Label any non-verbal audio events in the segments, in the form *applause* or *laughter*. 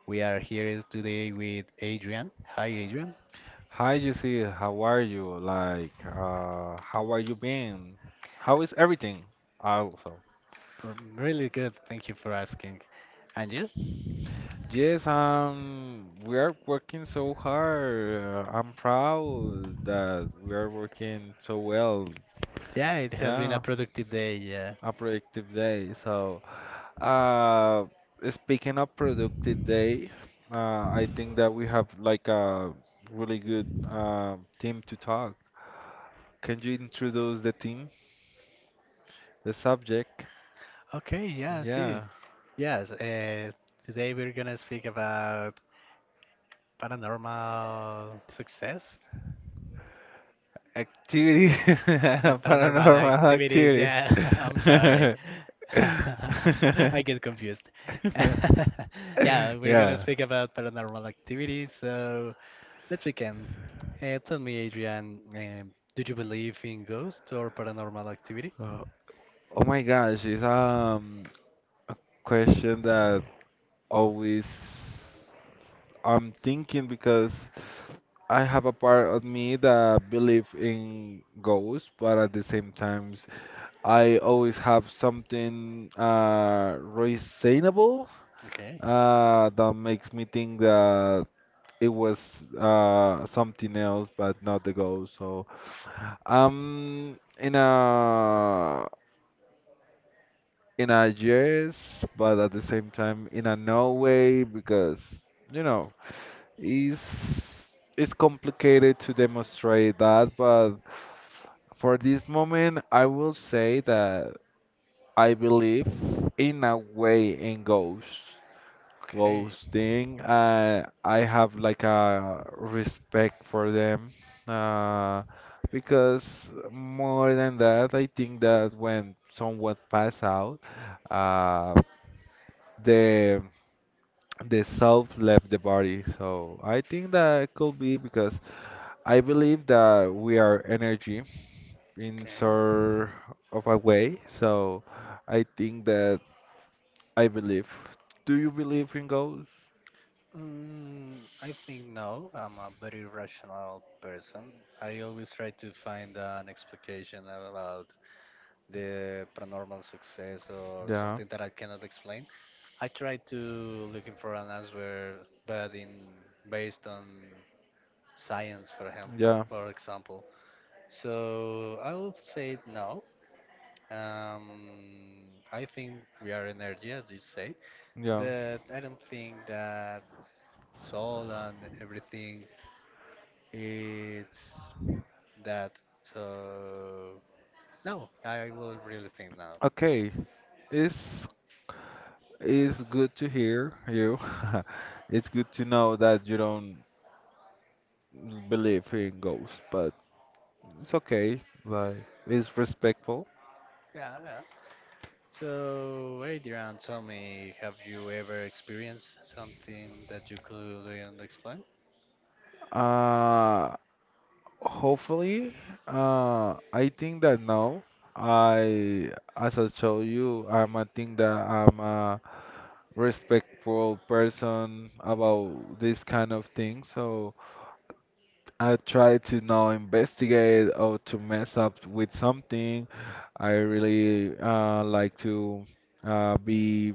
We are here today with Adrian. Hi, Adrian. Hi, Jesse. How are you? How are you been? How is everything? Also, Really good. Thank you for asking. And you? yes, we are working so hard. I'm proud that we are working so well. Yeah, it has been a Yeah, productive day. Yeah. a productive day. Uh, speaking of productive day, I think that we have like a really good team to talk. Can you introduce the team, the subject? Okay. Yeah. I see. Yeah. Yes. Today we're gonna speak about paranormal success. Activities, *laughs* Paranormal paranormal activities, activities. yeah. *laughs* I'm sorry. *laughs* *laughs* I get confused. *laughs* Yeah, we're gonna Yeah. speak about paranormal activities, so let's begin. Tell me, Adrian, do you believe in ghosts or paranormal activity? Uh, Oh my gosh, it's a question that always I'm thinking because I have a part of me that believe in ghosts, but at the same times I always have something reasonable Okay, that makes me think that it was something else, but not the goal. So, um, in a in a yes, but at the same time in a no way because you know it's it's complicated to demonstrate that, but for this moment, I will say that I believe in a way in ghosts. okay, Ghosting. I have like a respect for them, uh, because more than that, I think that when someone pass out, uh, the the self left the body. So I think that it could be because I believe that we are energy in okay. sort of a way. So I think that I believe. Do you believe in ghosts? Mm, I think no. I'm a very rational person. I always try to find an explanation about the paranormal success or Yeah, something that I cannot explain. I try to looking for an answer, but in based on science, for example, yeah, for example. So I would say no. Um, I think we are energy, as you say, yeah. but I don't think that soul and everything is that. So no, I will really think no. Okay, it's it's good to hear you. *laughs* It's good to know that you don't believe in ghosts, but it's okay. Like, it's respectful. Yeah, yeah. So, Adrian, tell me, have you ever experienced something that you couldn't explain? Uh, hopefully, I think that now I, as I told you, I'm a respectful person about this kind of thing. So, I try to now investigate or to mess up with something. I really like to be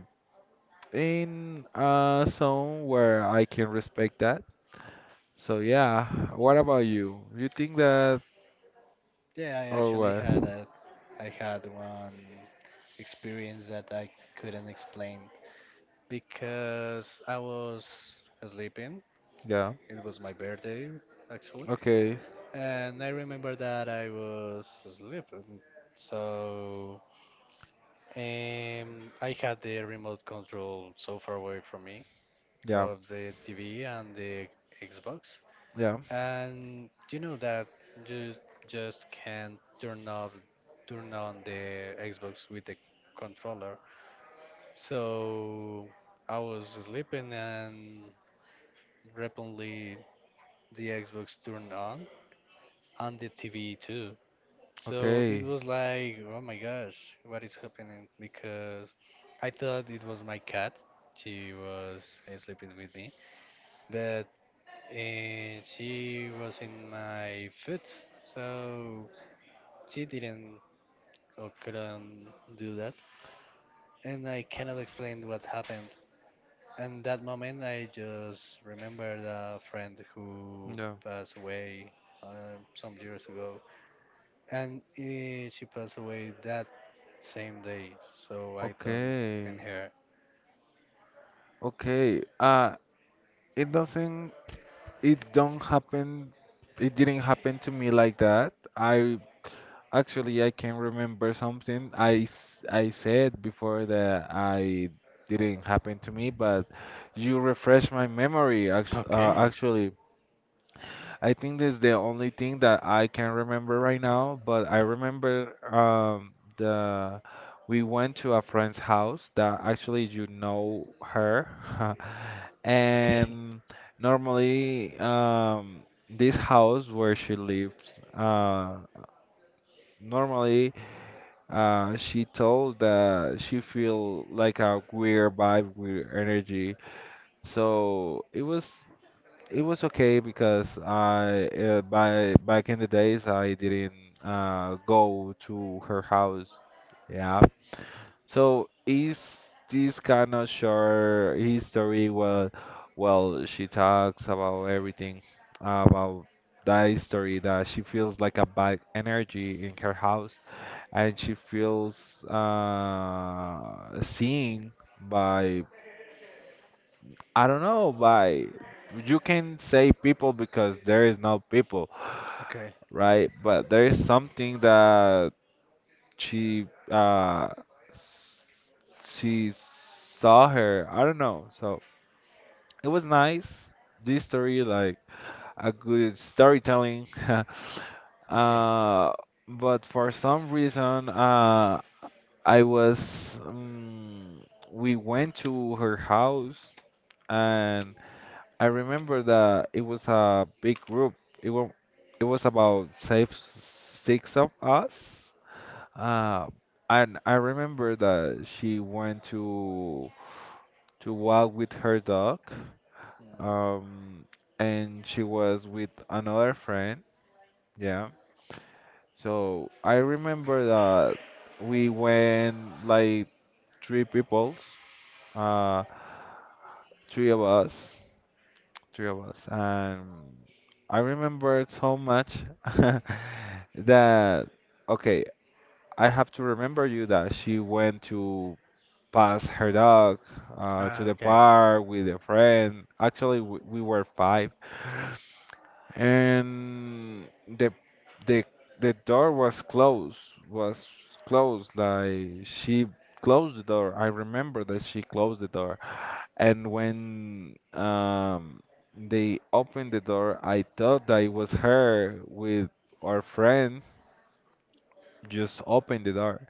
in a zone where I can respect that. So yeah, what about you? You think that Yeah, I or actually what? had a, I had one experience that I couldn't explain because I was sleeping. Yeah. It was my birthday, actually, Okay. and I remember that I was sleeping. So, I had the remote control so far away from me Yeah. of the TV and the Xbox. Yeah. And you know that you just can't turn on the Xbox with the controller. So I was sleeping and randomly the Xbox turned on and the TV too. So it Okay. was like, oh my gosh, what is happening? Because I thought it was my cat. She was sleeping with me, but she was in my foot. So she didn't or couldn't do that. And I cannot explain what happened. And that moment, I just remembered a friend who Yeah. passed away some years ago. And she passed away that same day. So I thought in Okay. her. Okay. It doesn't. It don't happen. It didn't happen to me like that. I Actually, I can remember something I said before that I didn't happen to me, but you refresh my memory. Act uh, Okay. actually, I think this is the only thing that I can remember right now. But I remember the we went to a friend's house that actually you know her, *laughs* Okay. and normally this house where she lives, normally. She told that she feel like a weird vibe, weird energy. So it was okay because I by back in the days I didn't go to her house. Yeah. So is this kind of short history? Well, she talks about everything about that history that she feels like a bad energy in her house, and she feels seen by, I don't know, by, you can say people because there is no people, Okay. right? But there is something that she uh, s- she saw her. I don't know. So it was nice. This story like a good storytelling. *laughs* Okay. uh, but for some reason, I was we went to her house, and I remember that it was a big group. It was it was about six of us. Uh, and I remember that she went to walk with her dog. Mhm. Um, and she was with another friend. Yeah. So I remember that we went like three people. Peoples. three of us, three of us, and I remember so much *laughs* that, okay, I have to remember you that she went to pass her dog to Ah, the okay. park with a friend. Actually, we were five, and the the door was closed, was closed. Like, she closed the door. I remember that she closed the door. And when they opened the door, I thought that it was her with our friend just opened the door,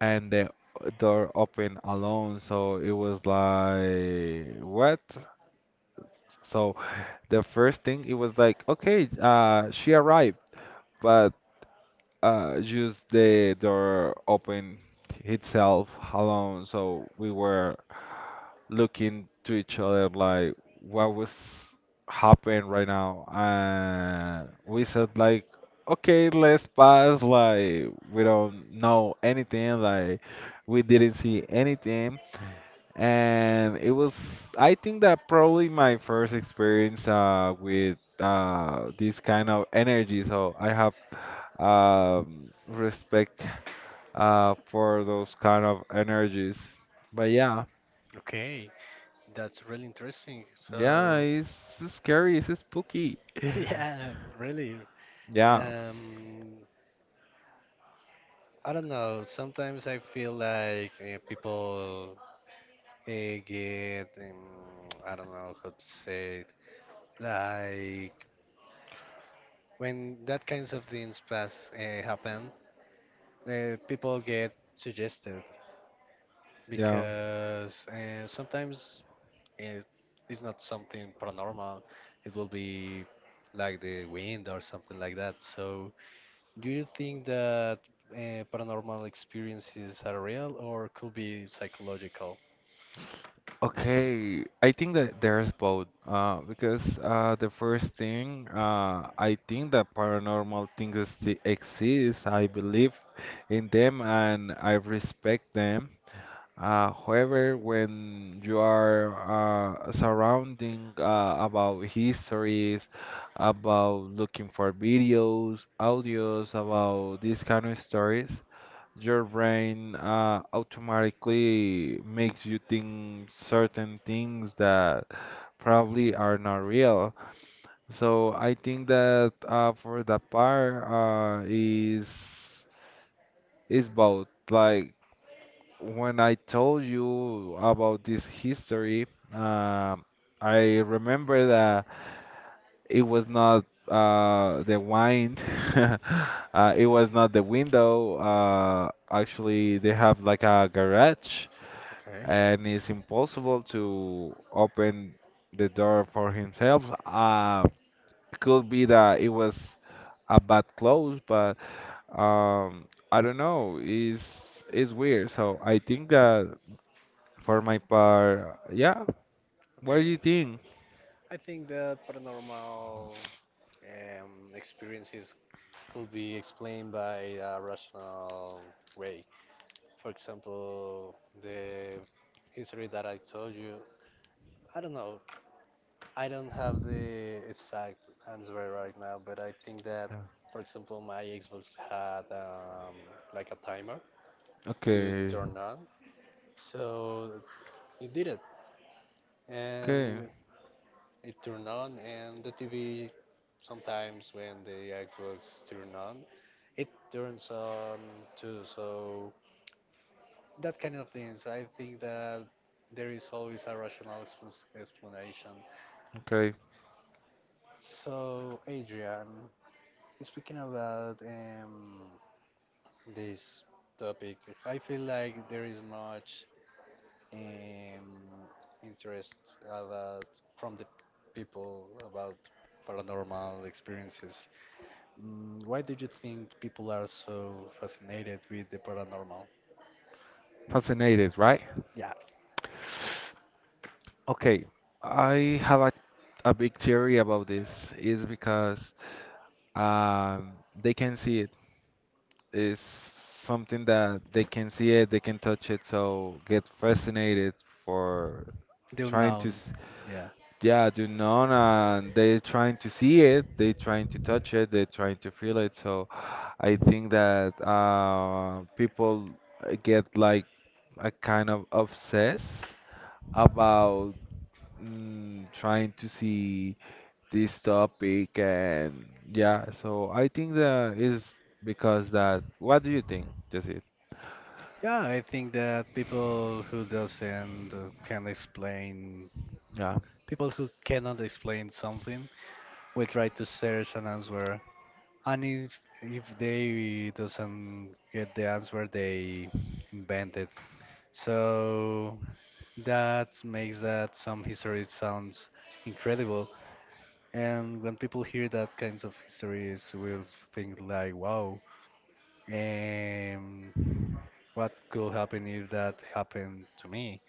and the door opened alone. So it was like, what? So the first thing it was like, okay, she arrived, but just the door opened itself alone. So we were looking to each other like, what was happening right now? And we said like, okay, let's pass, like we don't know anything, like we didn't see anything. And it was, I think that probably my first experience with this kind of energy. So I have respect for those kind of energies, but yeah. Okay, that's really interesting. Yeah, So, it's scary, it's spooky. *sighs* *laughs* yeah, really. Yeah, Um, I don't know. Sometimes I feel like people get, I don't know how to say it. Like when that kinds of things pass happen, people get suggested yeah. because sometimes it is not something paranormal. It will be like the wind or something like that. So, do you think that paranormal experiences are real or could be psychological? Okay, I think that there's both. Because the first thing, I think that paranormal things exist. I believe in them and I respect them. However, when you are surrounding about histories, about looking for videos, audios about these kind of stories, your brain automatically makes you think certain things that probably are not real. So I think that for that part, is both. Like, when I told you about this history, um I remember that it was not the wine. *laughs* It was not the window. Actually, they have like a garage, Okay. and it's impossible to open the door for himself. It could be that it was a bad close, but I don't know. It's weird. So I think that for my part, yeah. What do you Okay. think? I think that paranormal experiences could be explained by a rational way. For example, the history that I told you. I don't know. I don't have the exact answer right now, but I think that, Yeah. for example, my Xbox had like a timer to Okay, turn on, so it did it, okay, and it turn on. And the TV sometimes when the Xbox turn on, it turns on too. So that kind of things, I think that there is always a rational explanation. okay. So, Adrian, speaking about this topic, I feel like there is much um, interest about from the people about paranormal experiences. Why do you think people are so fascinated with the paranormal? Fascinated, right? Yeah, Okay, I have a big theory about this. Is because they can see it. Is something that they can see it, they can touch it, so get fascinated for the trying to, unknown. Yeah. yeah, do none, and they're trying to see it, they're trying to touch it, they're trying to feel it. So *sighs* I think that people get like a kind of obsessed about, trying to see this topic, and yeah, so I think that is because that. What do you think, Jesse? Yeah, I think that people who doesn't can explain, people who cannot explain something, will try to search an answer. And if they doesn't get the answer, they invent it. So that makes that some history sounds incredible. And when people hear that kinds of histories, will think like, "Wow, um, what could happen if that happened to me?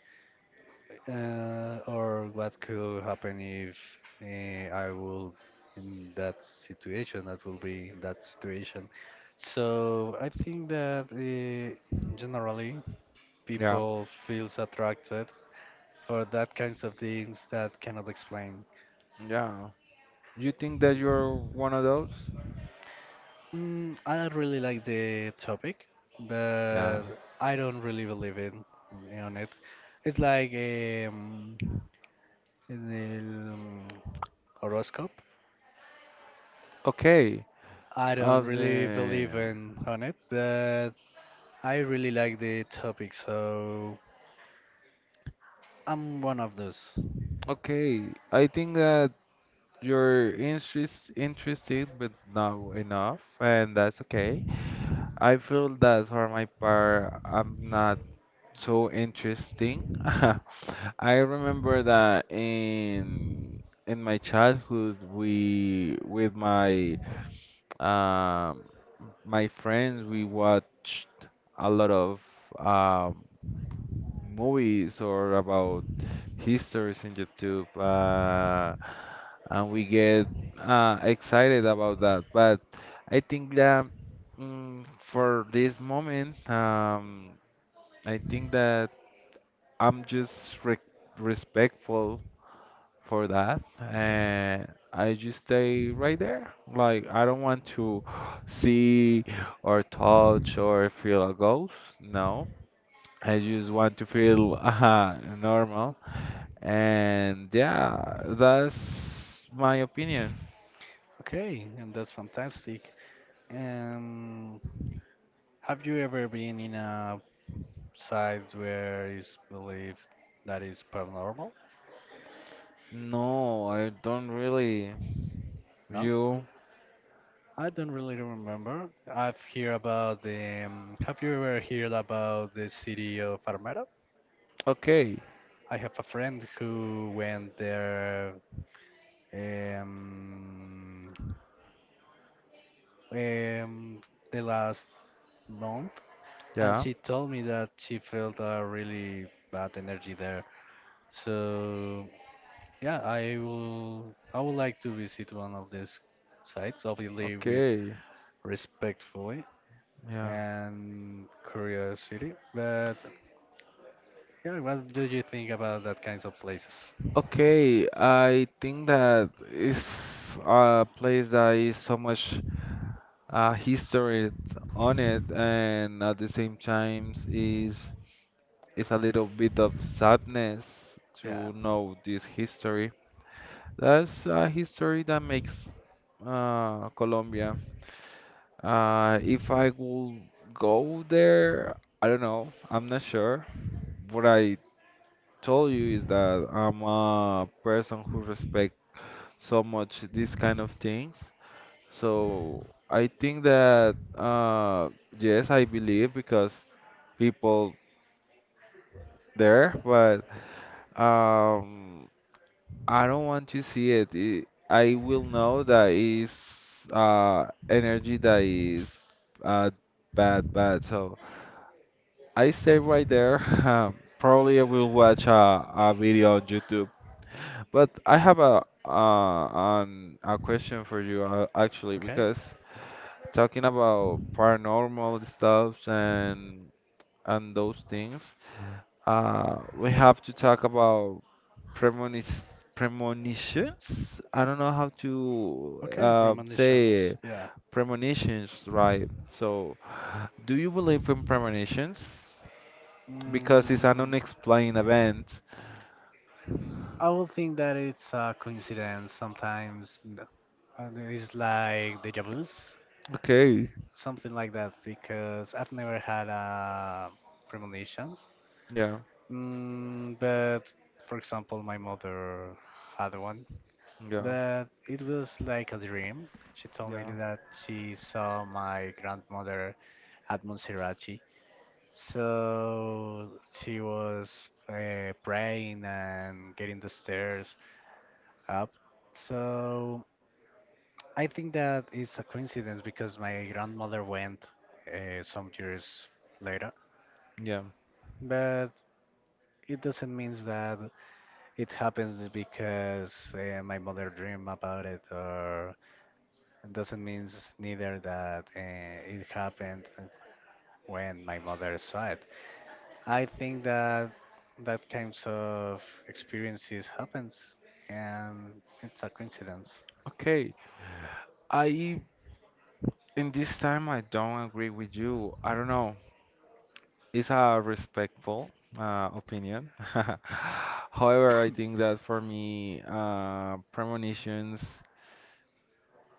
Or what could happen if I will in that situation, that will be in that situation." So I think that generally Yeah. people feels attracted for that kinds of things that cannot explain. Yeah. You think that you're one of those? Mm, I really like the topic, Yeah. but I don't really believe in on it. It's like the horoscope. Okay. I don't Of really believe the in on it, but I really like the topic, so I'm one of those. okay, I think that you're interested but not enough, and that's okay. I feel that for my part, I'm not so interesting. *laughs* I remember that in my childhood, we with my um my friends, we watched a lot of um, movies or about histories in YouTube, and we get excited about that. But I think that, mm, for this moment, I think that I'm just re- respectful for that, and I just stay right there. Like, I don't want to see or touch or feel a ghost. No. I just want to feel *laughs* normal. And yeah, that's my opinion. Okay, and that's fantastic. Um, have you ever been in a site where is believed that is paranormal? No, I don't really. No? You I don't really remember. I've heard about the. Have you ever heard about the city of Armero? okay? I have a friend who went there, um, um, the last month, and Yeah. she told me that she felt a really bad energy there. So yeah, I will. I would like to visit one of these sites, obviously with Okay. respectfully Yeah. and curiosity, but yeah, what do you think about that kinds of places? Okay, I think that is a place that is so much history on it, and at the same time is a little bit of sadness Yeah. to know this history. That's a history that makes, Colombia. If I will go there, I don't know. I'm not sure. What I told you is that I'm a person who respect so much these kind of things. So I think that, yes, I believe because people there, but um, I don't want to see it. I will know that is energy that is uh, bad, bad. So I stay right there. *laughs* Probably I will watch a video on YouTube. But I have a question for you, actually Okay. because, talking about paranormal stuffs and those things. We have to talk about premonish premonitions. I don't know how to Okay, premonitions. say Yeah. premonitions right. So, do you believe in premonitions? Because it's an Mm, unexplained event. I will think that it's a coincidence sometimes. And it's like deja vu's, Okay. something like that, because I've never had premonitions. Yeah. But for example, my mother had one. Yeah. But it was like a dream. She told me Yeah. that she saw my grandmother at Monserrate. So she was praying and getting the stairs up. So I think that it's a coincidence because my grandmother went some years later. Yeah. But it doesn't mean that it happens because my mother dreamed about it. Or it doesn't mean neither that it happened when my mother saw it. I think that kinds of experiences happens, and it's a coincidence. Okay. I, in this time I don't agree with you. I don't know. It's a respectful opinion. *laughs* However, I think that for me, premonitions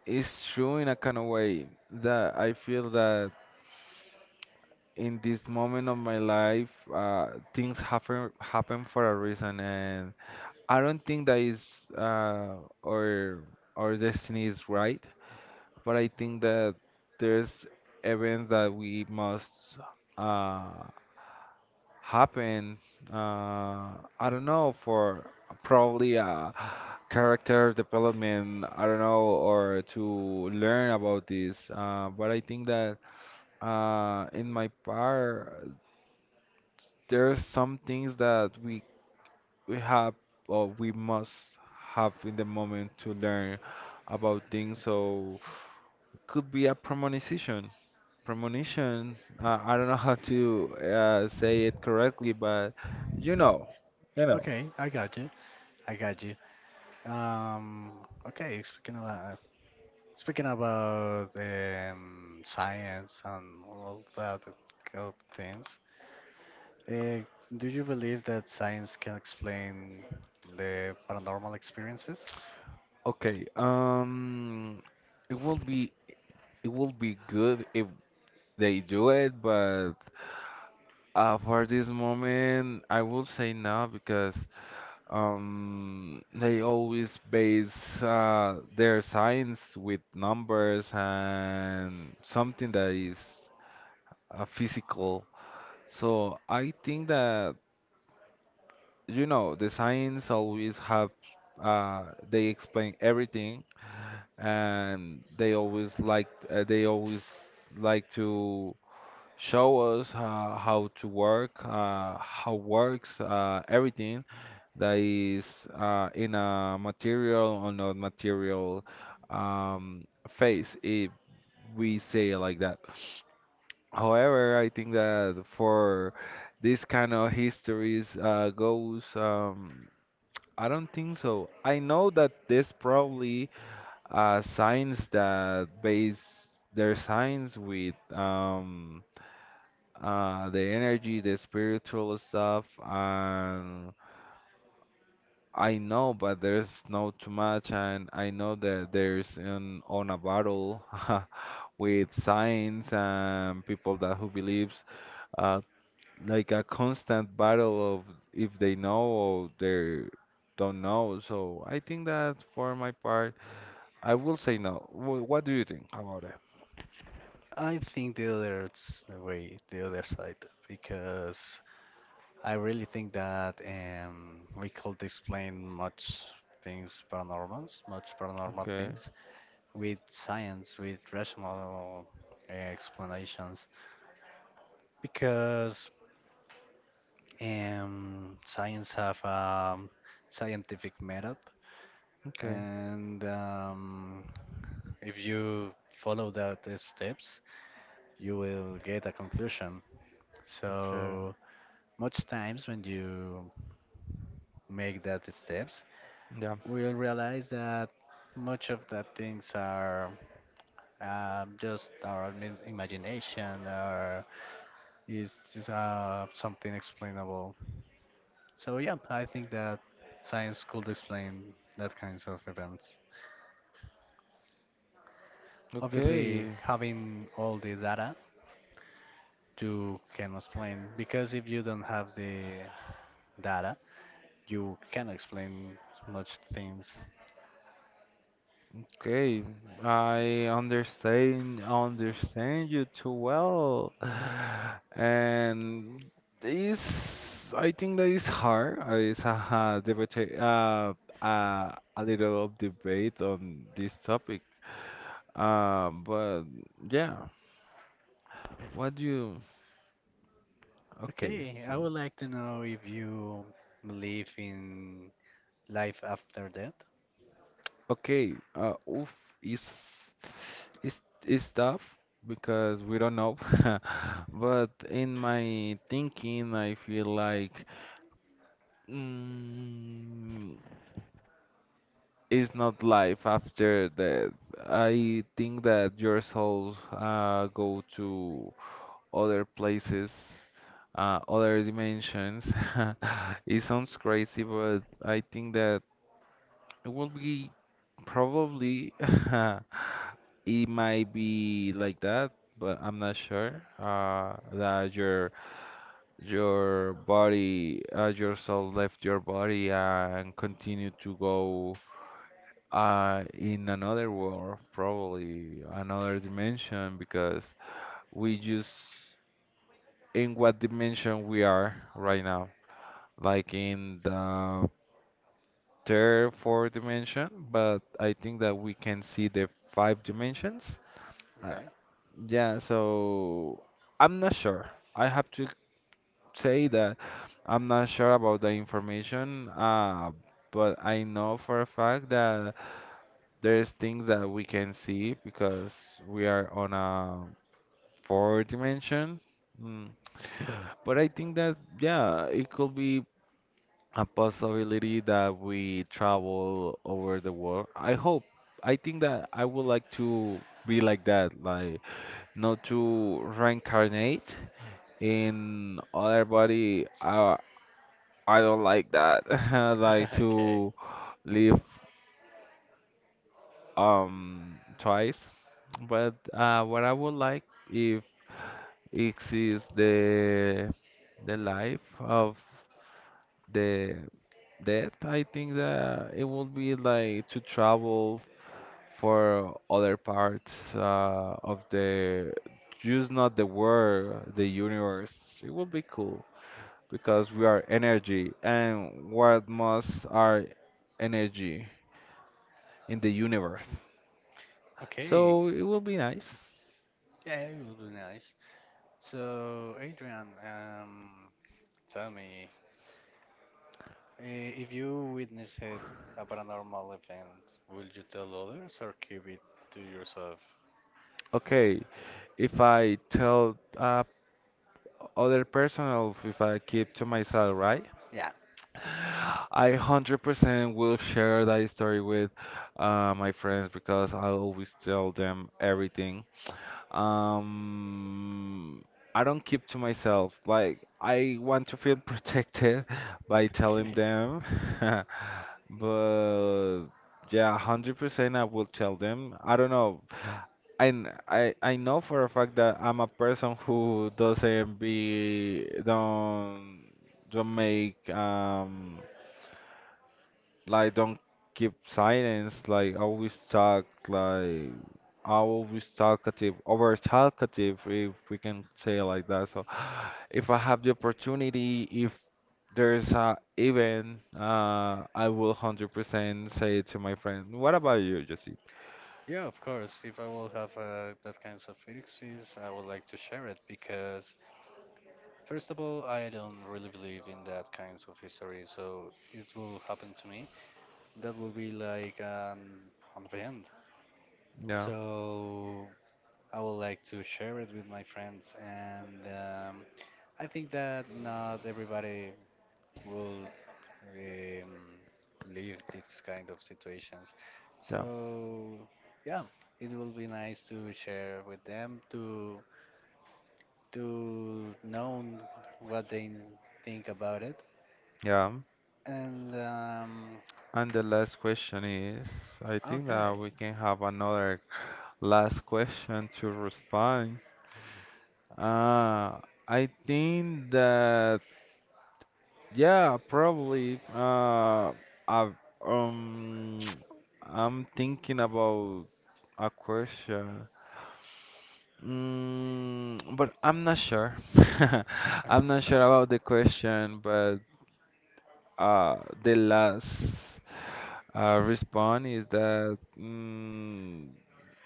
is true in a kind of way that I feel that in this moment of my life, uh, things happen for a reason, and I don't think that is, our destiny is right, but I think that there's events that we must. Uh, happen, uh I don't know, for probably character development, I don't know, or to learn about this. Uh, but I think that in my part, there are some things that we have or we must have in the moment to learn about things. So could be a premonition, premonition I don't know how to say it correctly, but you know you know Okay, I got you. I got you. Um, okay, speaking about science and all that kind of things, uh, do you believe that science can explain the paranormal experiences? okay, it will be, it will be good if they do it, but for this moment, I will say no because they always base their science with numbers and something that is physical. So I think that the science always have they explain everything, and they always like to show us, how to work, how works everything that is, in a material or not material phase, if we say it like that. However, I think that for this kind of histories goes, I don't think so. I know that this probably, signs that base their signs with the energy, the spiritual stuff, and I know, but there's not too much, and I know that there's an on a battle *laughs* with signs and people that who believes, uh, like a constant battle of if they know or they don't know. So I think that for my part, I will say no. What do you think about it? I think the other way, the other side, because I really think that we could explain much things paranormals, much paranormal Okay. things with science, with rational explanations, because science have a scientific method, Okay, and if you follow that steps, you will get a conclusion. okay, So. Much times when you make that steps, yeah, we'll realize that much of the things are just our imagination or is just something explainable. So yeah, I think that science could explain that kinds of events. Obviously, okay, having all the data, you can explain because if you don't have the data, you can explain much things. okay. I understand, understand you too well, *sighs* and it's. I think that is hard. It's a debate, a little of debate on this topic. But yeah, what do you? Okay, Okay, so. I would like to know if you believe in life after death. Okay, oof, is is is tough because we don't know. *laughs* But in my thinking, I feel like mm, it's not life after death. I think that your souls go to other places, other dimensions. *laughs* It sounds crazy, but I think that it will be probably, *laughs* it might be like that, but I'm not sure. That your body, your soul left your body and continue to go in another world, probably another dimension, because we just in what dimension we are right now, like in the third, fourth dimension, but I think that we can see the five dimensions. uh, Okay. Yeah, so I'm not sure. I have to say that I'm not sure about the information, but I know for a fact that there's things that we can see because we are on a four dimension. Mm. But I think that, yeah, it could be a possibility that we travel over the world. I hope. I think that I would like to be like that, like not to reincarnate in other body. I don't like that. *laughs* I like *laughs* Okay. to live twice. But what I would like if exists the life of the death, I think that it would be like to travel for other parts of the just not the world, the universe. It would be cool, because we are energy and what must our energy in the universe. Okay. So it will be nice. Yeah, it would be nice. So, Adrian, tell me, if you witnessed a paranormal event, will you tell others or keep it to yourself? Okay, if I tell other person or if I keep to myself, right? Yeah. *sighs* I 100% will share that story with my friends because I always tell them everything. Um, I don't keep to myself. Like I want to feel protected *laughs* by telling Okay. them. *laughs* But yeah, 100% I will tell them. I don't know. And I know for a fact that I'm a person who doesn't be don't make like don't keep silence, like always talk, like I always talkative over talkative if we can say it like that. So if I have the opportunity, there's a event, I will 100% say to my friend. What about you, Jesse? Yeah, of course. If I will have that kinds of experiences, I would like to share it because first of all, I don't really believe in that kinds of history, so it will happen to me. That will be like an event. Yeah, So I would like to share it with my friends, and I think that not everybody will um, live these kind of situations. yeah, So yeah, it will be nice to share with them to know what they think about it. yeah. And And the last question is, I think that okay. we can have another last question to respond. Uh, I think that, yeah, probably. I um, *tsk* I'm thinking about a question. Mm, but I'm not sure. *laughs* *laughs* I'm I'm not sure sorry. about the question, but uh, the last response is that, mm,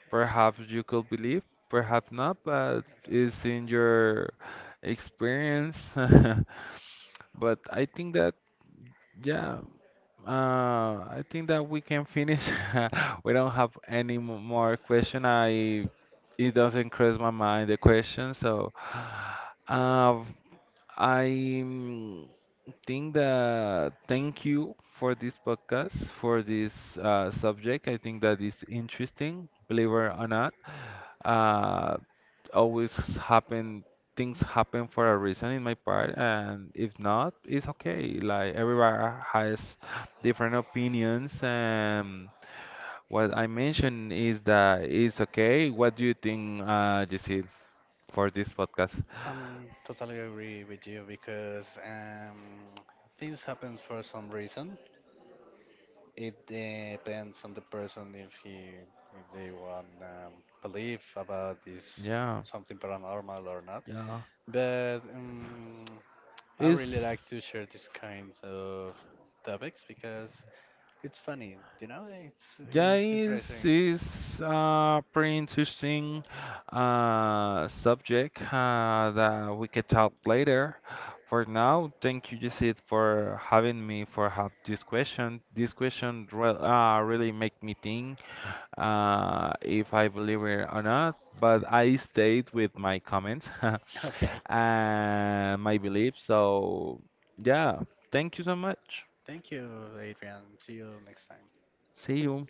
perhaps you could believe, perhaps not, but it's in your experience. *laughs* But I think that, yeah, I think that we can finish. *laughs* We don't have any more question. I it doesn't cross my mind the question, so. Uh, I mm, think that thank you for this podcast, for this subject. I think that is interesting, believe it or not. Uh, Always happen, things happen for a reason in my part, and if not, it's okay. Like everybody has different opinions, and what I mentioned is that it's okay. What do you think, Jesse, for this podcast? I'm totally agree with you because things happen for some reason. It depends on the person if they want believe about this Yeah, something paranormal or not. yeah. But I really It's like to share these kinds of topics because it's funny. It's yeah, it's interesting. it's a pretty interesting subject that we can talk later. For now, thank you, Jacid, for having me for have this question. This question re really make me think if I believe it or not, but I stayed with my comments Okay, *laughs* and my belief. So yeah, thank you so much. thank you, Adrian. See you next time. See you.